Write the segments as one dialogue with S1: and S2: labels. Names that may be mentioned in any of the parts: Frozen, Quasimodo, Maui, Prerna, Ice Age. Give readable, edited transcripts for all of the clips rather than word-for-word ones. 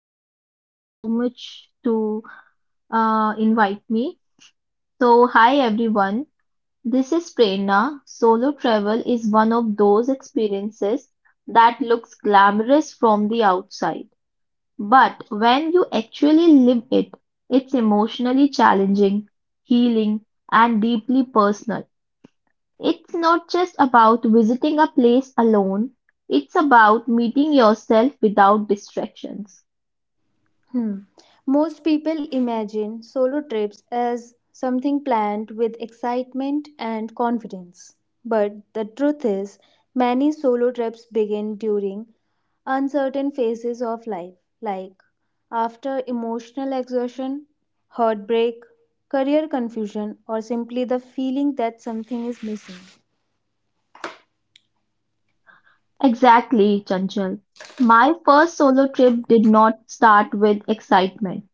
S1: Chanchal. Thank you so much to invite me. So, hi everyone. This is Prerna. Solo travel is one of those experiences that looks glamorous from the outside, but when you actually live it, it's emotionally challenging, healing, and deeply personal. It's not just about visiting a place alone. It's about meeting yourself without distractions.
S2: Hmm. Most people imagine solo trips as something planned with excitement and confidence. But the truth is, many solo trips begin during uncertain phases of life, like after emotional exhaustion, heartbreak, career confusion, or simply the feeling that something is missing.
S1: Exactly, Chanchal. My first solo trip did not start with excitement.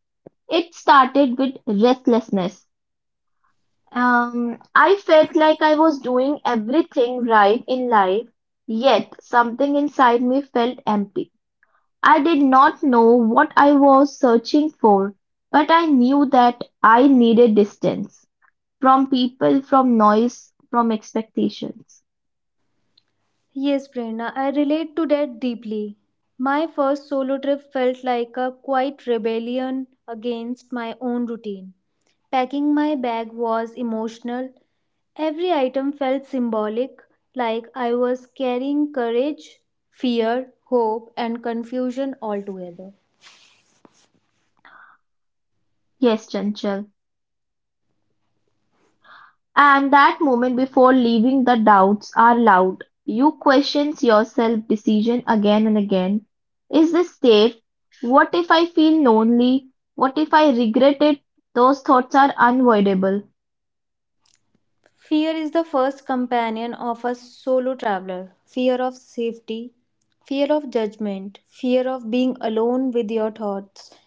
S1: It started with restlessness. I felt like I was doing everything right in life, yet something inside me felt empty. I did not know what I was searching for, but I knew that I needed distance from people, from noise, from expectations.
S2: Yes, Prerna, I relate to that deeply. My first solo trip felt like a quiet rebellion against my own routine. Packing my bag was emotional. Every item felt symbolic, like I was carrying courage, fear, hope, and confusion all together.
S1: Yes, Chanchal. And that moment before leaving the doubts are loud. You questions yourself decision again and again. Is this safe? What if I feel lonely? What if I regret it? Those thoughts are unavoidable.
S2: Fear is the first companion of a solo traveler. Fear of safety, fear of judgment, fear of being alone with your thoughts.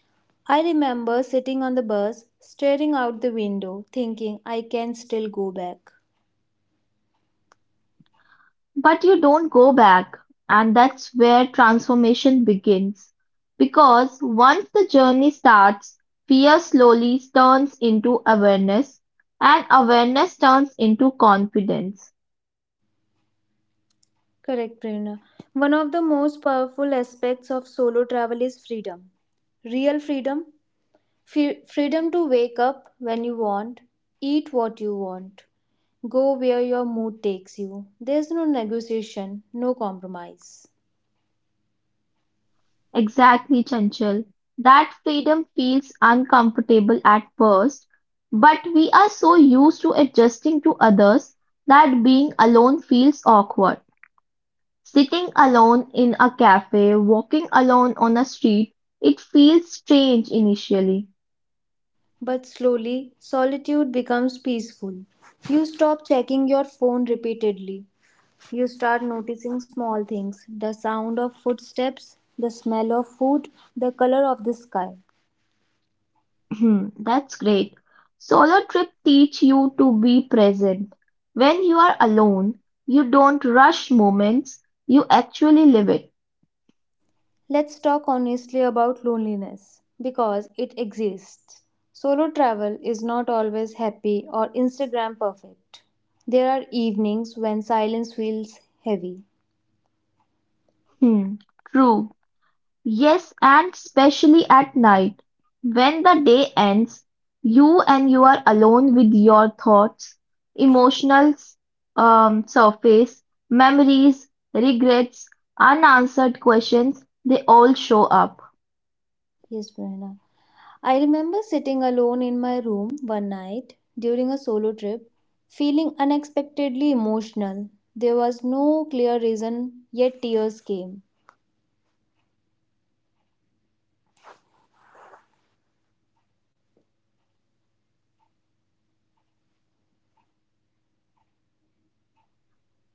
S2: I remember sitting on the bus, staring out the window, thinking I can still go back.
S1: But you don't go back. And that's where transformation begins. Because once the journey starts, fear slowly turns into awareness and awareness turns into confidence.
S2: Correct, Prerna. One of the most powerful aspects of solo travel is freedom. Real freedom, freedom to wake up when you want, eat what you want, go where your mood takes you. There's no negotiation, no compromise.
S1: Exactly, Chanchal. That freedom feels uncomfortable at first, but we are so used to adjusting to others that being alone feels awkward. Sitting alone in a cafe, walking alone on a street, it feels strange initially.
S2: But slowly, solitude becomes peaceful. You stop checking your phone repeatedly. You start noticing small things, the sound of footsteps, the smell of food, the color of the sky.
S1: Hmm, that's great. Solo trip teach you to be present. When you are alone, you don't rush moments, you actually live it.
S2: Let's talk honestly about loneliness because it exists. Solo travel is not always happy or Instagram perfect. There are evenings when silence feels heavy.
S1: Hmm, true. Yes, and especially at night, when the day ends, you are alone with your thoughts, emotions, surface, memories, regrets, unanswered questions, they all show up.
S2: Yes, Prerna. I remember sitting alone in my room one night during a solo trip, feeling unexpectedly emotional. There was no clear reason, yet tears came.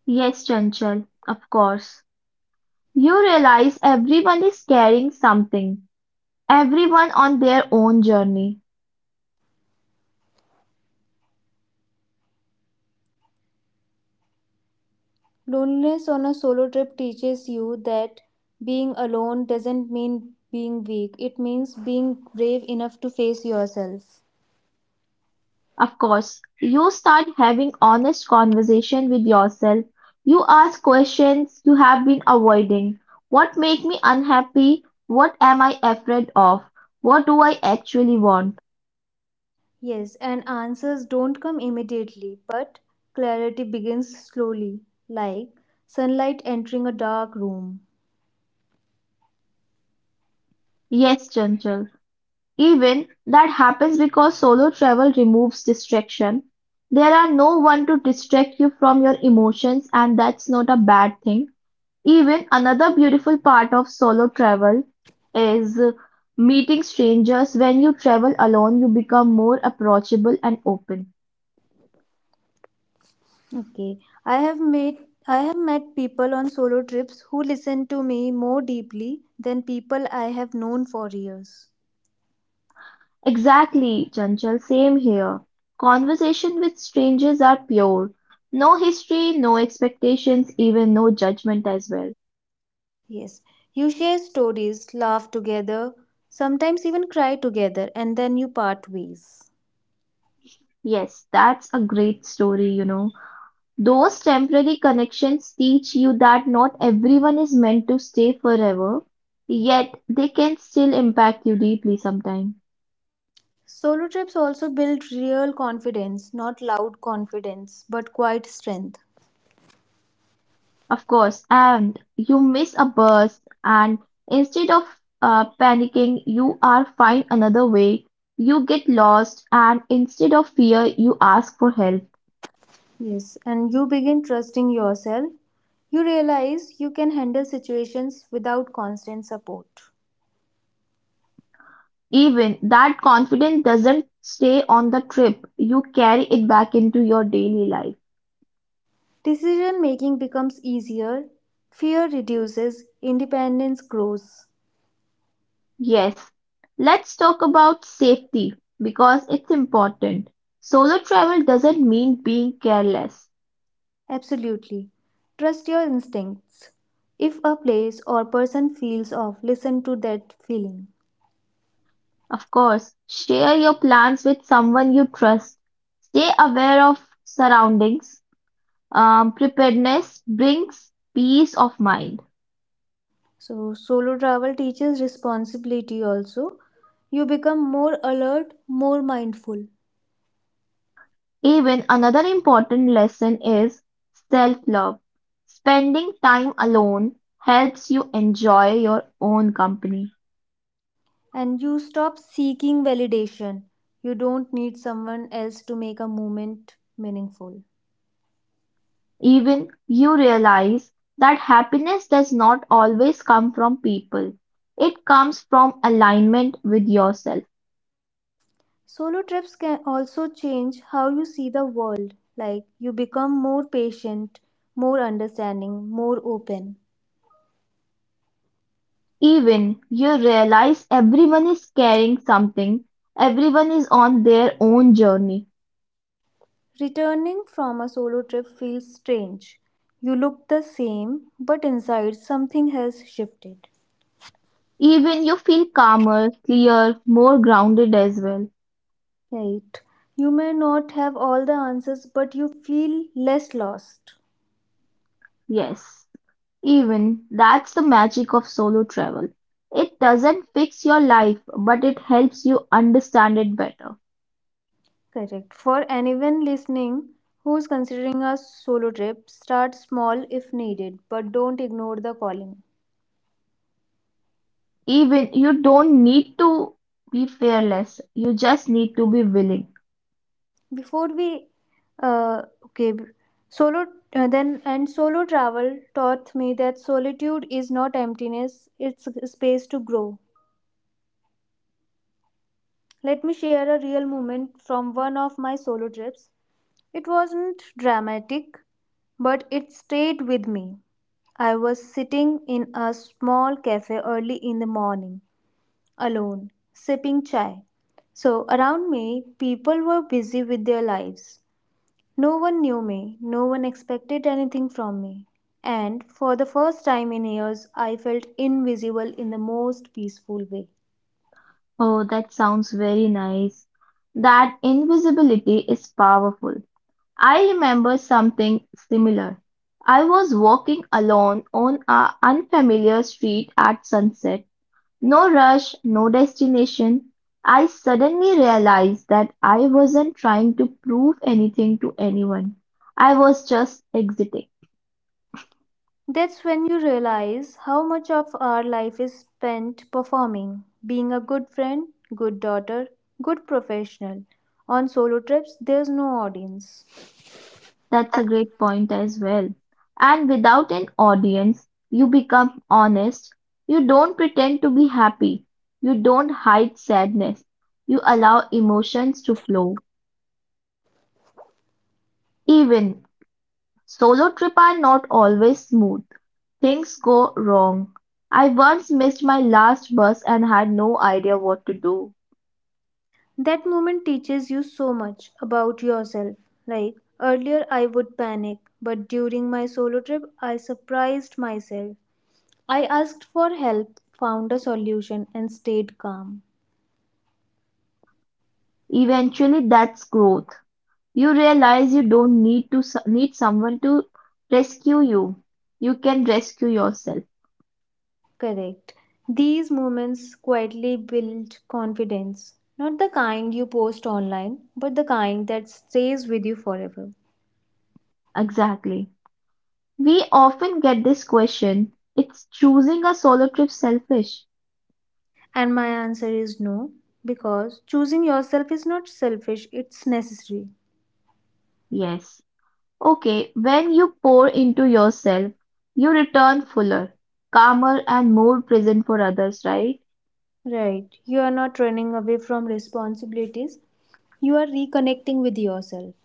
S1: Yes, Chanchal, of course. You realize everyone is carrying something, everyone on their own journey.
S2: Loneliness on a solo trip teaches you that being alone doesn't mean being weak, it means being brave enough to face yourself.
S1: Of course, you start having honest conversation with yourself. You ask questions you have been avoiding. What make me unhappy? What am I afraid of? What do I actually want?
S2: Yes, and answers don't come immediately, but clarity begins slowly, like sunlight entering a dark room.
S1: Yes, Chanchal. Even that happens because solo travel removes distraction. There are no one to distract you from your emotions and that's not a bad thing. Even another beautiful part of solo travel is meeting strangers. When you travel alone, you become more approachable and open.
S2: Okay, I have made I have met people on solo trips who listen to me more deeply than people I have known for years.
S1: Exactly, Chanchal, same here. Conversation with strangers are pure. No history, no expectations, even no judgment as well.
S2: Yes. You share stories, laugh together, sometimes even cry together, and then you part ways.
S1: Yes, that's a great story. Those temporary connections teach you that not everyone is meant to stay forever, yet they can still impact you deeply sometimes.
S2: Solo trips also build real confidence, not loud confidence, but quiet strength.
S1: Of course, and you miss a bus, and instead of panicking, you are find another way. You get lost, and instead of fear, you ask for help.
S2: Yes, and you begin trusting yourself. You realize you can handle situations without constant support.
S1: Even that confidence doesn't stay on the trip, you carry it back into your daily life.
S2: Decision making becomes easier, fear reduces, independence grows.
S1: Yes, let's talk about safety because it's important. Solo travel doesn't mean being careless.
S2: Absolutely. Trust your instincts. If a place or person feels off, listen to that feeling.
S1: Of course, share your plans with someone you trust. Stay aware of surroundings. Preparedness brings peace of mind.
S2: So, solo travel teaches responsibility also. You become more alert, more mindful,
S1: Even another important lesson is self love. Spending time alone helps you enjoy your own company.
S2: and you stop seeking validation. You don't need someone else to make a moment meaningful.
S1: Even you realize that happiness does not always come from people. It comes from alignment with yourself.
S2: Solo trips can also change how you see the world. Like, you become more patient, more understanding, more open.
S1: Even you realize everyone is carrying something, everyone is on their own journey.
S2: Returning from a solo trip feels strange. You look the same, but inside something has shifted.
S1: Even you feel calmer, clear, more grounded as well.
S2: Right. You may not have all the answers, but you feel less lost.
S1: Yes, even that's the magic of solo travel. It doesn't fix your life, but it helps you understand it better.
S2: Correct. For anyone listening who's considering a solo trip, start small if needed, but don't ignore the calling.
S1: Even you don't need to be fearless. You just need to be willing.
S2: Before we, okay, b- solo then and solo travel taught me that solitude is not emptiness; it's a space to grow. Let me share a real moment from one of my solo trips. It wasn't dramatic, but it stayed with me. I was sitting in a small cafe early in the morning, alone, sipping chai. So, around me, people were busy with their lives. No one knew me, no one expected anything from me. And for the first time in years, I felt invisible in the most peaceful way.
S1: Oh, that sounds very nice. That invisibility is powerful. I remember something similar. I was walking alone on a unfamiliar street at sunset. No rush, no destination. I suddenly realized that I wasn't trying to prove anything to anyone. I was just exiting.
S2: That's when you realize how much of our life is spent performing, being a good friend, good daughter, good professional. On solo trips, there's no audience.
S1: That's a great point as well. And without an audience, you become honest. You don't pretend to be happy. You don't hide sadness. You allow emotions to flow. Even solo trip are not always smooth. Things go wrong. I once missed my last bus and had no idea what to do.
S2: That moment teaches you so much about yourself. Like earlier, I would panic, but during my solo trip, I surprised myself. I asked for help, found a solution, and stayed calm.
S1: Eventually, that's growth. You realize you don't need to need someone to rescue you. You can rescue yourself.
S2: Correct. These moments quietly build confidence. Not the kind you post online, but the kind that stays with you forever.
S1: Exactly. We often get this question, it's choosing a solo trip selfish?
S2: And my answer is no, because choosing yourself is not selfish, it's necessary.
S1: Yes. Okay, when you pour into yourself, you return fuller, calmer, and more present for others, right?
S2: Right. You are not running away from responsibilities, you are reconnecting with yourself.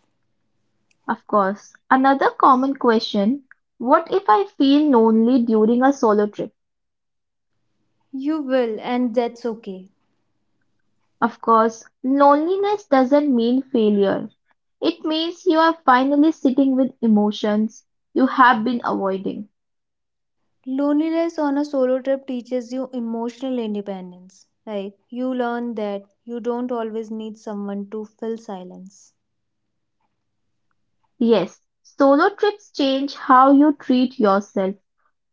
S1: Of course. Another common question, what if I feel lonely during a solo trip?
S2: You will, and that's okay.
S1: Of course, loneliness doesn't mean failure. It means you are finally sitting with emotions you have been avoiding.
S2: Loneliness on a solo trip teaches you emotional independence. Like, you learn that you don't always need someone to fill silence.
S1: Yes, solo trips change how you treat yourself.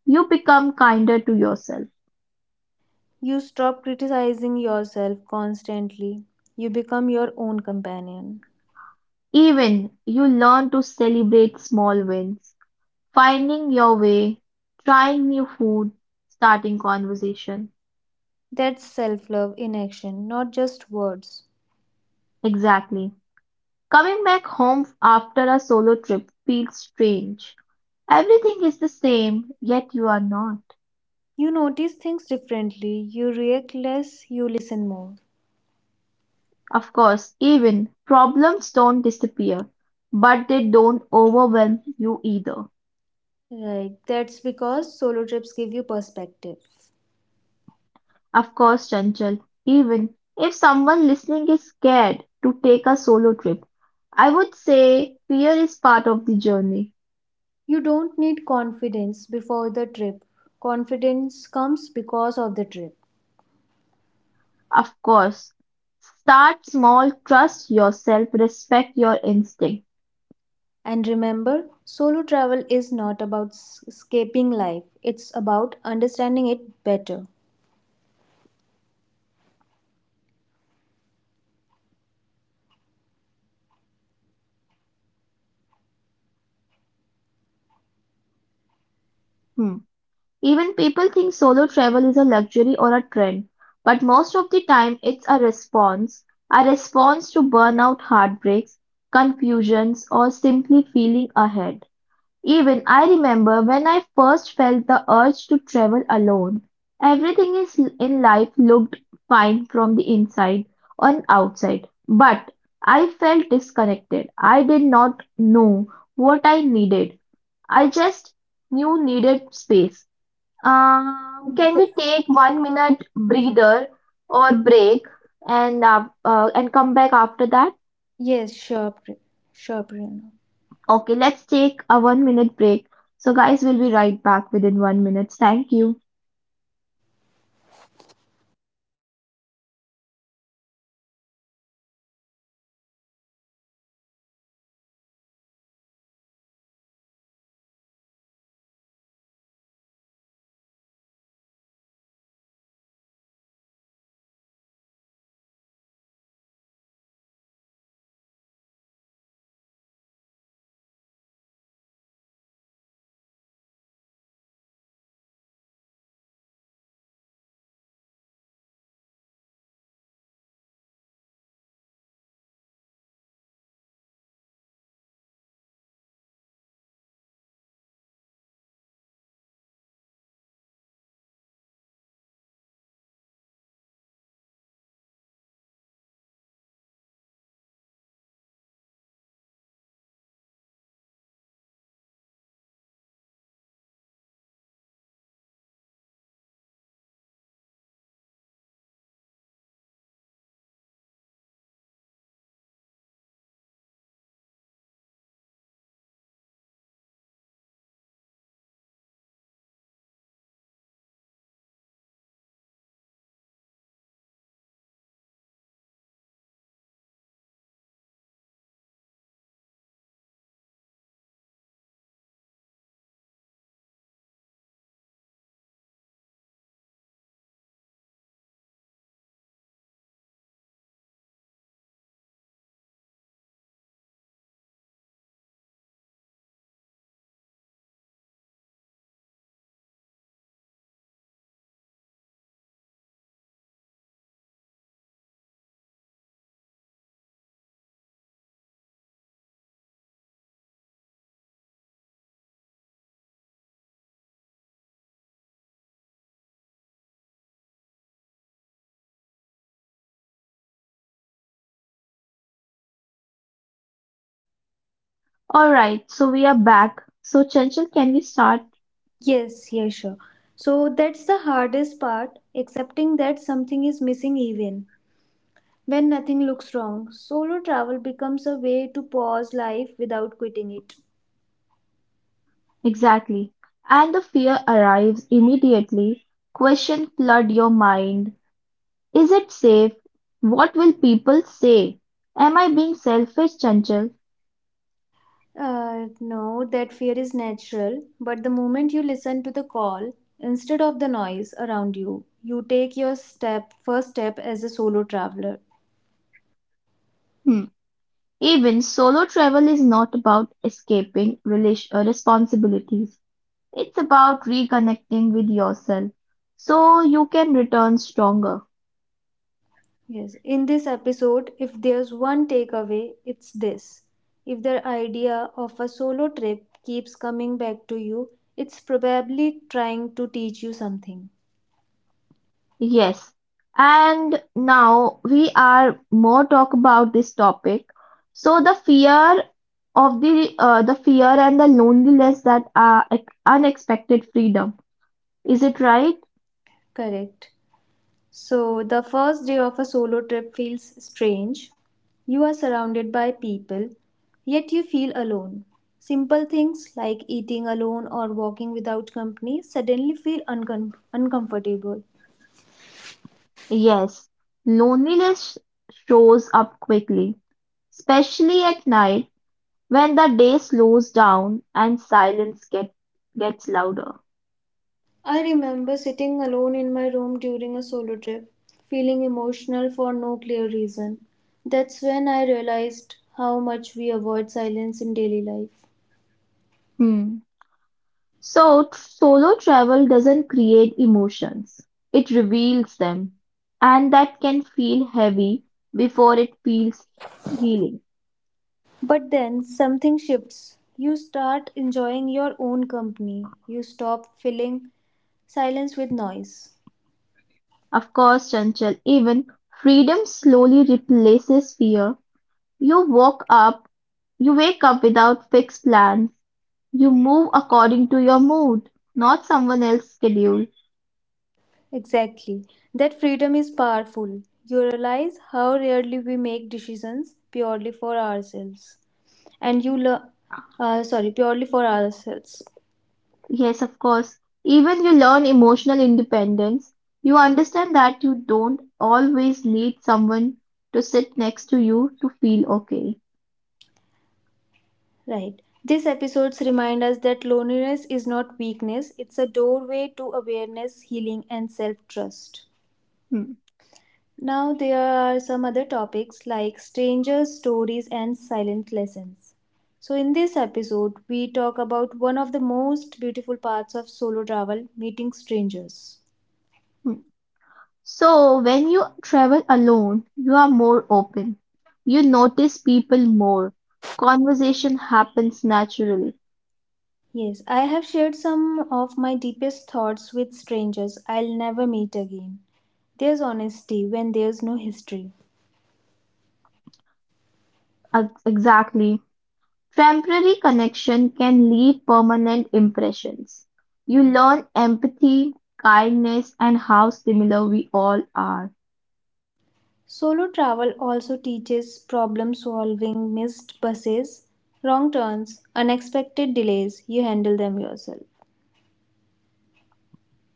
S1: You become kinder to yourself.
S2: You stop criticizing yourself constantly. You become your own companion.
S1: Even you learn to celebrate small wins, finding your way, trying new food, starting conversation.
S2: That's self love in action, not just words.
S1: Exactly. Coming back home after a solo trip feels strange. Everything is the same, yet you are not.
S2: You notice things differently. You react less. You listen more.
S1: Of course, even problems don't disappear, but they don't overwhelm you either.
S2: Right. That's because solo trips give you perspective.
S1: Of course, Chanchal, even if someone listening is scared to take a solo trip, I would say fear is part of the journey.
S2: You don't need confidence before the trip. Confidence comes because of the trip.
S1: Of course, start small, trust yourself, respect your instinct.
S2: And remember, solo travel is not about escaping life, it's about understanding it better.
S1: Hmm. Even people think solo travel is a luxury or a trend, but most of the time it's a response to burnout, heartbreaks, confusions, or simply feeling ahead. Even I remember when I first felt the urge to travel alone. Everything is in life looked fine from the inside and outside, but I felt disconnected. I did not know what I needed. I just knew needed space. Can we take one minute breather or break and come back after that?
S2: Yes, sure, Prerna.
S1: Okay, let's take a one minute break. So, guys, we'll be right back within one minute. Thank you. All right, so we are back. So, Chanchal, can we start?
S2: Yes, yes, sure. So that's the hardest part, accepting that something is missing even when nothing looks wrong. Solo travel becomes a way to pause life without quitting it.
S1: Exactly. And the fear arrives immediately. Question flood your mind. Is it safe? What will people say? Am I being selfish, Chanchal?
S2: No, that fear is natural, but the moment you listen to the call instead of the noise around you, you take your step first step as a solo traveler.
S1: Hmm. Even solo travel is not about escaping responsibilities. It's about reconnecting with yourself so you can return stronger.
S2: Yes, in this episode, if there's one takeaway, it's this. If the idea of a solo trip keeps coming back to you, it's probably trying to teach you something.
S1: Yes. And now we are more talk about this topic. So the fear and the loneliness that are unexpected freedom. Is it right?
S2: Correct. So, the first day of a solo trip feels strange. You are surrounded by people, yet you feel alone. Simple things like eating alone or walking without company suddenly feel uncomfortable.
S1: Yes. Loneliness shows up quickly, especially at night when the day slows down and silence gets louder.
S2: I remember sitting alone in my room during a solo trip, feeling emotional for no clear reason. That's when I realized how much we avoid silence in daily life.
S1: Hmm. So solo travel doesn't create emotions, it reveals them, and that can feel heavy before it feels healing.
S2: But then something shifts. You start enjoying your own company. You stop filling silence with noise.
S1: Of course, Chanchal, even freedom slowly replaces fear. You walk up, you wake up without fixed plans, you move according to your mood, not someone else's schedule.
S2: Exactly. That freedom is powerful. You realize how rarely we make decisions purely for ourselves. And you learn, sorry, purely for ourselves.
S1: Yes, of course. Even you learn emotional independence. You understand that you don't always need someone to sit next to you to feel okay.
S2: Right. These episodes remind us that loneliness is not weakness, it's a doorway to awareness, healing, and self trust.
S1: Hmm,
S2: Now, there are some other topics like strangers, stories, and silent lessons. So, in this episode, we talk about one of the most beautiful parts of solo travel, meeting strangers.
S1: hmm. So, when you travel alone, you are more open. You notice people more. Conversation happens naturally.
S2: Yes, I have shared some of my deepest thoughts with strangers I'll never meet again. There's honesty when there's no history.
S1: Exactly. Temporary connection can leave permanent impressions. You learn empathy, kindness, and how similar we all are.
S2: Solo travel also teaches problem solving, missed buses, wrong turns, unexpected delays. You handle them yourself.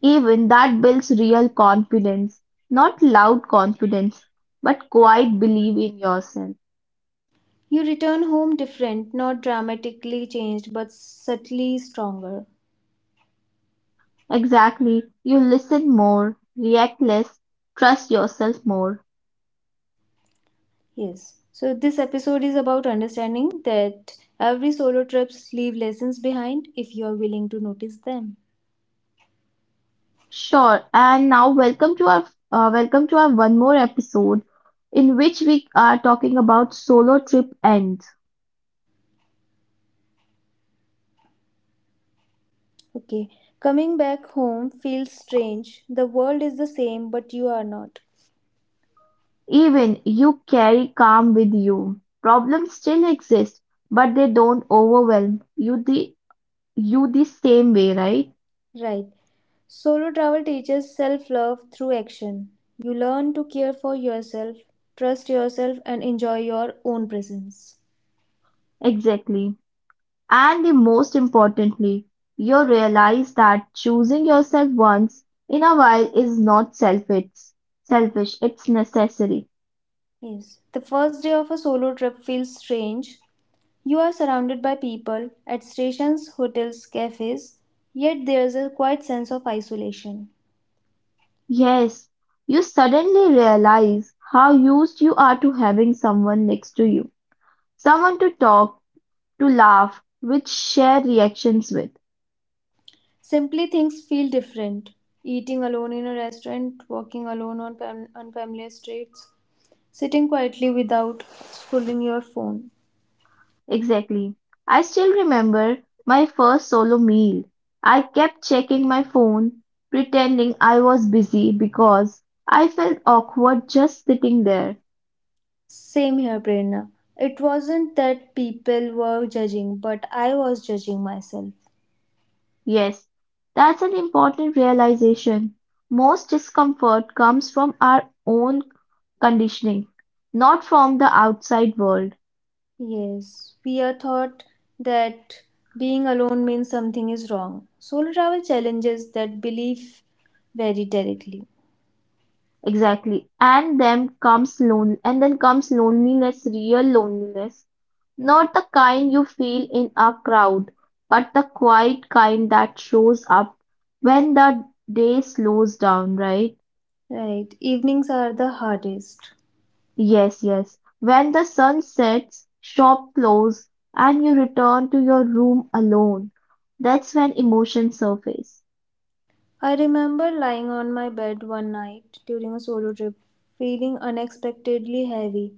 S1: Even that builds real confidence, not loud confidence, but quiet belief in yourself.
S2: You return home different, not dramatically changed, but subtly stronger.
S1: Exactly. You listen more, react less, trust yourself more.
S2: Yes. So this episode is about understanding that every solo trips leave lessons behind if you are willing to notice them.
S1: Sure. And now welcome to our one more episode in which we are talking about solo trip ends.
S2: Okay. Coming back home feels strange. The world is the same, but you are not.
S1: Even you carry calm with you. Problems still exist, but they don't overwhelm you the same way, right?
S2: Right. Solo travel teaches self love through action. You learn to care for yourself, trust yourself, and enjoy your own presence.
S1: Exactly. And the most importantly, you realize that choosing yourself once in a while is not selfish. Selfish, it's necessary.
S2: Yes. The first day of a solo trip feels strange. You are surrounded by people at stations, hotels, cafes, yet there's a quiet sense of isolation.
S1: Yes, you suddenly realize how used you are to having someone next to you, someone to talk, to laugh, with share reactions with.
S2: Simply things feel different. Eating alone in a restaurant, walking alone on unfamiliar streets, sitting quietly without scrolling your phone.
S1: Exactly. I still remember my first solo meal. I kept checking my phone, pretending I was busy because I felt awkward just sitting there.
S2: Same here, Prerna. It wasn't that people were judging, but I was judging myself.
S1: Yes, that's an important realization. Most discomfort comes from our own conditioning, not from the outside world.
S2: Yes, we are taught that being alone means something is wrong. Solo travel challenges that belief very directly.
S1: Exactly. And then comes loneliness, real loneliness. Not the kind you feel in a crowd, but the quiet kind that shows up when the day slows down, right?
S2: Right, evenings are the hardest.
S1: Yes, yes. When the sun sets, shop close, and you return to your room alone. That's when emotions surface.
S2: I remember lying on my bed one night during a solo trip, feeling unexpectedly heavy.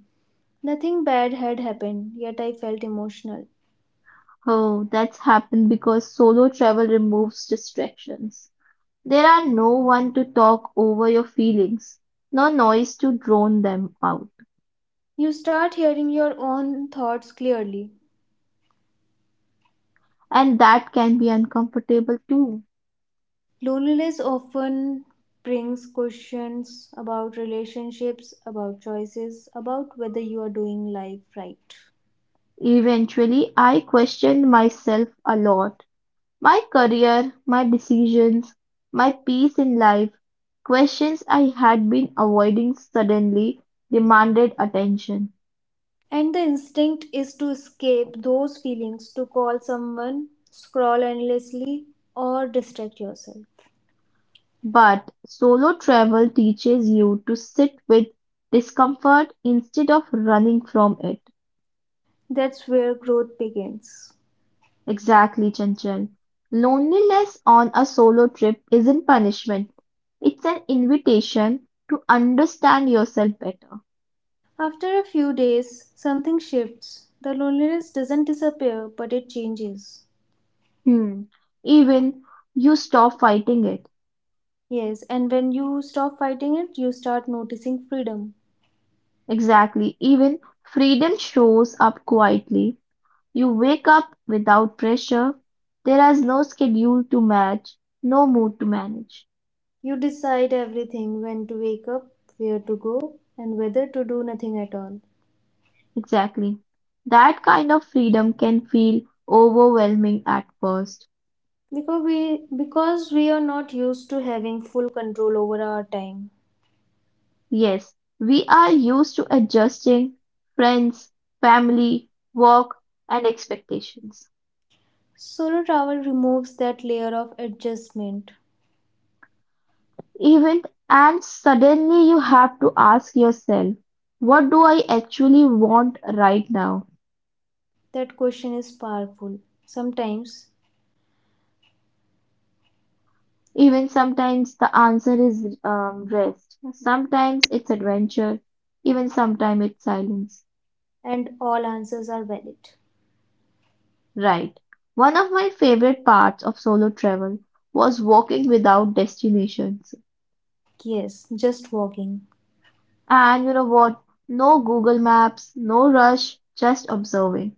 S2: Nothing bad had happened, yet I felt emotional.
S1: Oh, that's happened because solo travel removes distractions. There are no one to talk over your feelings, no noise to drown them out,
S2: You start hearing your own thoughts clearly.
S1: and that can be uncomfortable too.
S2: Loneliness often brings questions about relationships, about choices, about whether you are doing life right.
S1: Eventually, I questioned myself a lot. My career, my decisions, my peace in life, questions I had been avoiding suddenly demanded attention.
S2: And the instinct is to escape those feelings, to call someone, scroll endlessly, or distract yourself.
S1: But solo travel teaches you to sit with discomfort instead of running from it.
S2: That's where growth begins.
S1: Exactly, Chanchal. Loneliness on a solo trip isn't punishment, it's an invitation to understand yourself better.
S2: After a few days, something shifts. The loneliness doesn't disappear, but it changes.
S1: Hmm. Even you stop fighting it.
S2: Yes, and when you stop fighting it, you start noticing freedom.
S1: Exactly. Even freedom shows up quietly. You wake up without pressure. There is no schedule to match, no mood to manage.
S2: You decide everything, when to wake up, where to go, and whether to do nothing at all.
S1: Exactly. That kind of freedom can feel overwhelming at first.
S2: Because we are not used to having full control over our time.
S1: Yes, we are used to adjusting friends, family, work, and expectations.
S2: Solo travel removes that layer of adjustment.
S1: Event and suddenly you have to ask yourself, what do I actually want right now?
S2: That question is powerful. Sometimes,
S1: Even sometimes the answer is rest, sometimes it's adventure, even sometimes it's silence.
S2: and all answers are valid.
S1: Right. One of my favorite parts of solo travel was walking without destinations.
S2: Yes, just walking.
S1: And you know what? No Google Maps, no rush, just observing.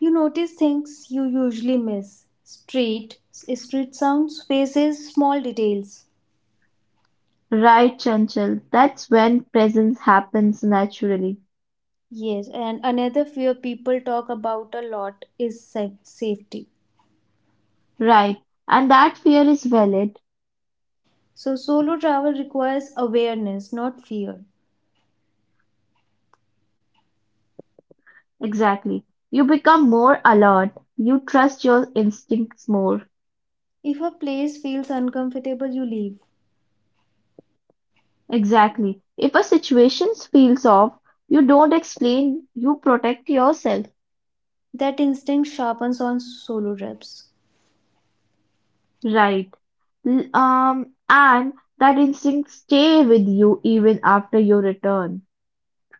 S2: You notice things you usually miss. Street sounds, faces, small details.
S1: Right, Chanchal, that's when presence happens naturally.
S2: Yes, and another fear people talk about a lot is safety.
S1: Right, and that fear is valid.
S2: So, solo travel requires awareness, not fear.
S1: Exactly. You become more alert. You trust your instincts more.
S2: If a place feels uncomfortable, you leave.
S1: Exactly. If a situation feels off, you don't explain, you protect yourself.
S2: That instinct sharpens on solo trips.
S1: Right. And that instinct stay with you even after your return.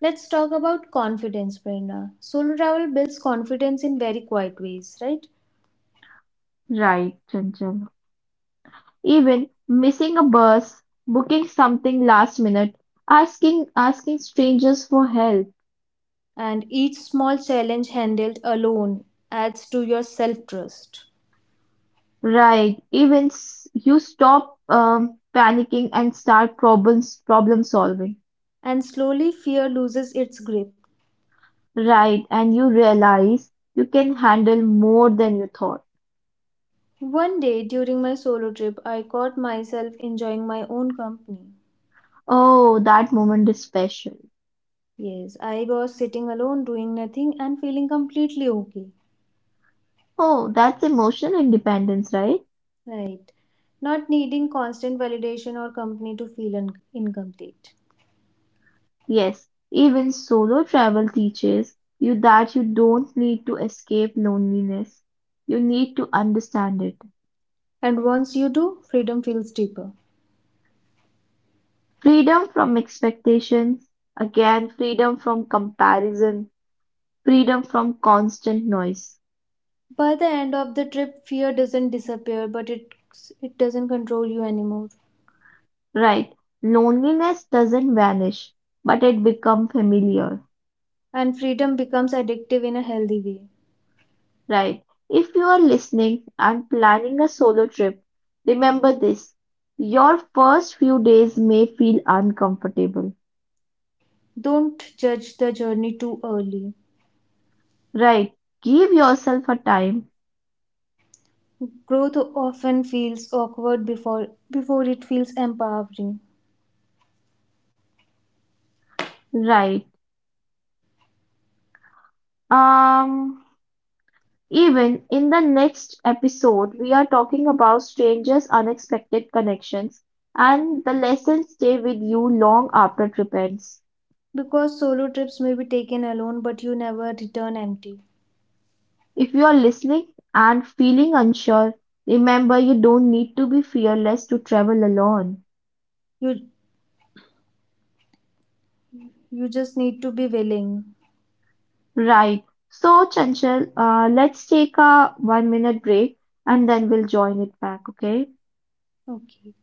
S2: Let's talk about confidence, Prerna. Solo travel builds confidence in very quiet ways, right?
S1: Right, Chanchal. Even missing a bus, booking something last minute, asking strangers for help.
S2: And each small challenge handled alone adds to your self trust.
S1: Right. Even you stop panicking and start problem solving.
S2: And slowly, fear loses its grip.
S1: Right. And you realize you can handle more than you thought.
S2: One day during my solo trip, I caught myself enjoying my own company.
S1: Oh, that moment is special.
S2: Yes, I was sitting alone, doing nothing, and feeling completely okay.
S1: Oh, that's emotional independence, right?
S2: Right. Not needing constant validation or company to feel incomplete.
S1: Yes. Even solo travel teaches you that you don't need to escape loneliness. You need to understand it.
S2: And once you do, freedom feels deeper.
S1: Freedom from expectations. Again, freedom from comparison. Freedom from constant noise.
S2: By the end of the trip, fear doesn't disappear, it doesn't control you anymore.
S1: Right. Loneliness doesn't vanish, but it becomes familiar.
S2: And freedom becomes addictive in a healthy way.
S1: Right. If you are listening and planning a solo trip, remember this. Your first few days may feel uncomfortable.
S2: Don't judge the journey too early.
S1: Right. Give yourself a time.
S2: Growth often feels awkward before it feels empowering
S1: Right. Um Even in the next episode, we are talking about strangers, unexpected connections, and the lessons stay with you long after trip ends.
S2: because solo trips may be taken alone but you never return empty.
S1: If you're listening and feeling unsure, remember you don't need to be fearless to travel alone.
S2: You you just need to be willing.
S1: Right. So, Chanchal, let's take a 1-minute break and then we'll join it back, okay?
S2: Okay.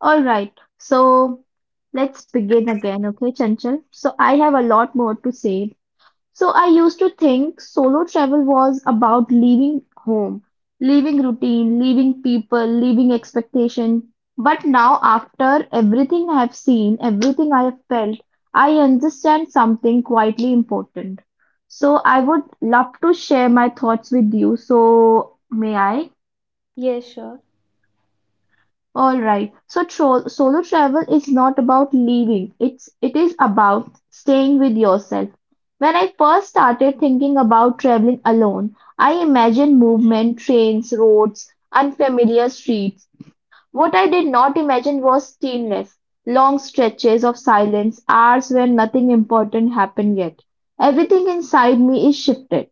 S1: All right. So, let's begin again, okay, Chanchal? So, I have a lot more to say. So I used to think solo travel was about leaving home, leaving routine, leaving people, leaving expectation. But now, after everything I have seen, everything I have felt, I understand something quietly important. So I would love to share my thoughts with you. So may I?
S2: Yes, sure.
S1: Alright, so tro solo travel is not about leaving. It is about staying with yourself. When I first started thinking about traveling alone, I imagined movement, trains, roads, unfamiliar streets. What I did not imagine was stillness, long stretches of silence, hours when nothing important happened yet. Everything inside me is shifted.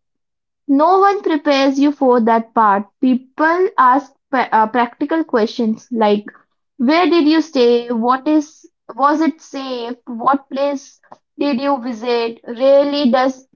S1: No one prepares you for that part. People ask practical questions like, where did you stay, what is was it safe, what place did you visit, really does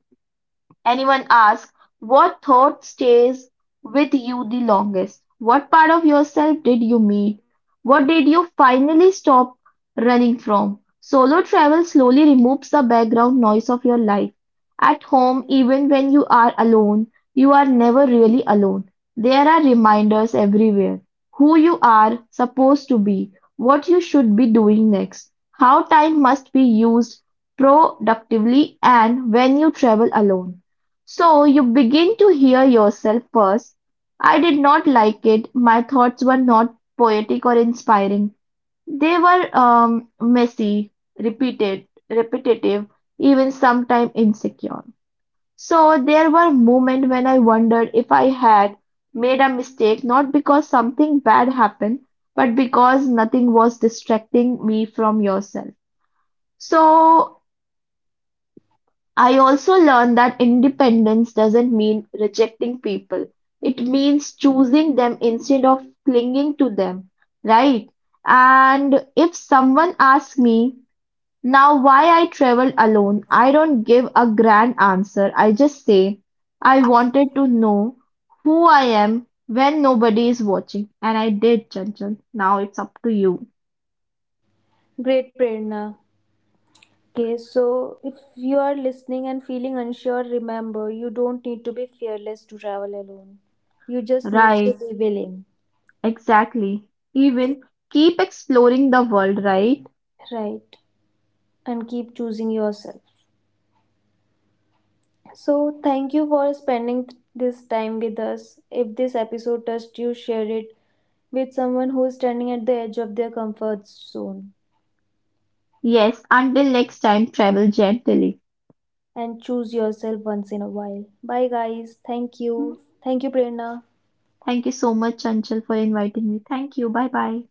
S1: Anyone asks, what thought stays with you the longest? What part of yourself did you meet? What did you finally stop running from? Solo travel slowly removes the background noise of your life. At home, even when you are alone, you are never really alone. There are reminders everywhere, who you are supposed to be, what you should be doing next, how time must be used productively. And when you travel alone, so you begin to hear yourself first. I did not like it. My thoughts were not poetic inspiring. They were messy, repetitive, even sometimes insecure. So there were moments when I wondered if I had made a mistake, not because something bad happened, but because nothing was distracting me from yourself. So I also learned that independence doesn't mean rejecting people. It means choosing them instead of clinging to them, right? And if someone asks me now why I traveled alone, I don't give a grand answer. I just say I wanted to know who I am when nobody is watching. And I did, Chanchal. Now it's up to you.
S2: Great Prerna. Okay, so if you are listening and feeling unsure, remember you don't need to be fearless to travel alone. You just need to
S1: Right,
S2: be willing,
S1: exactly. Even keep exploring the world, right?
S2: right? And keep choosing yourself. So, thank you for spending this time with us. If this episode touched you, share it with someone who is standing at the edge of their comfort zone
S1: Yes, until next time, travel gently.
S2: and choose yourself once in a while. Bye, guys. Thank you. Thank you, Prerna.
S1: Thank you so much, Chanchal, for inviting me. Thank you. Bye bye.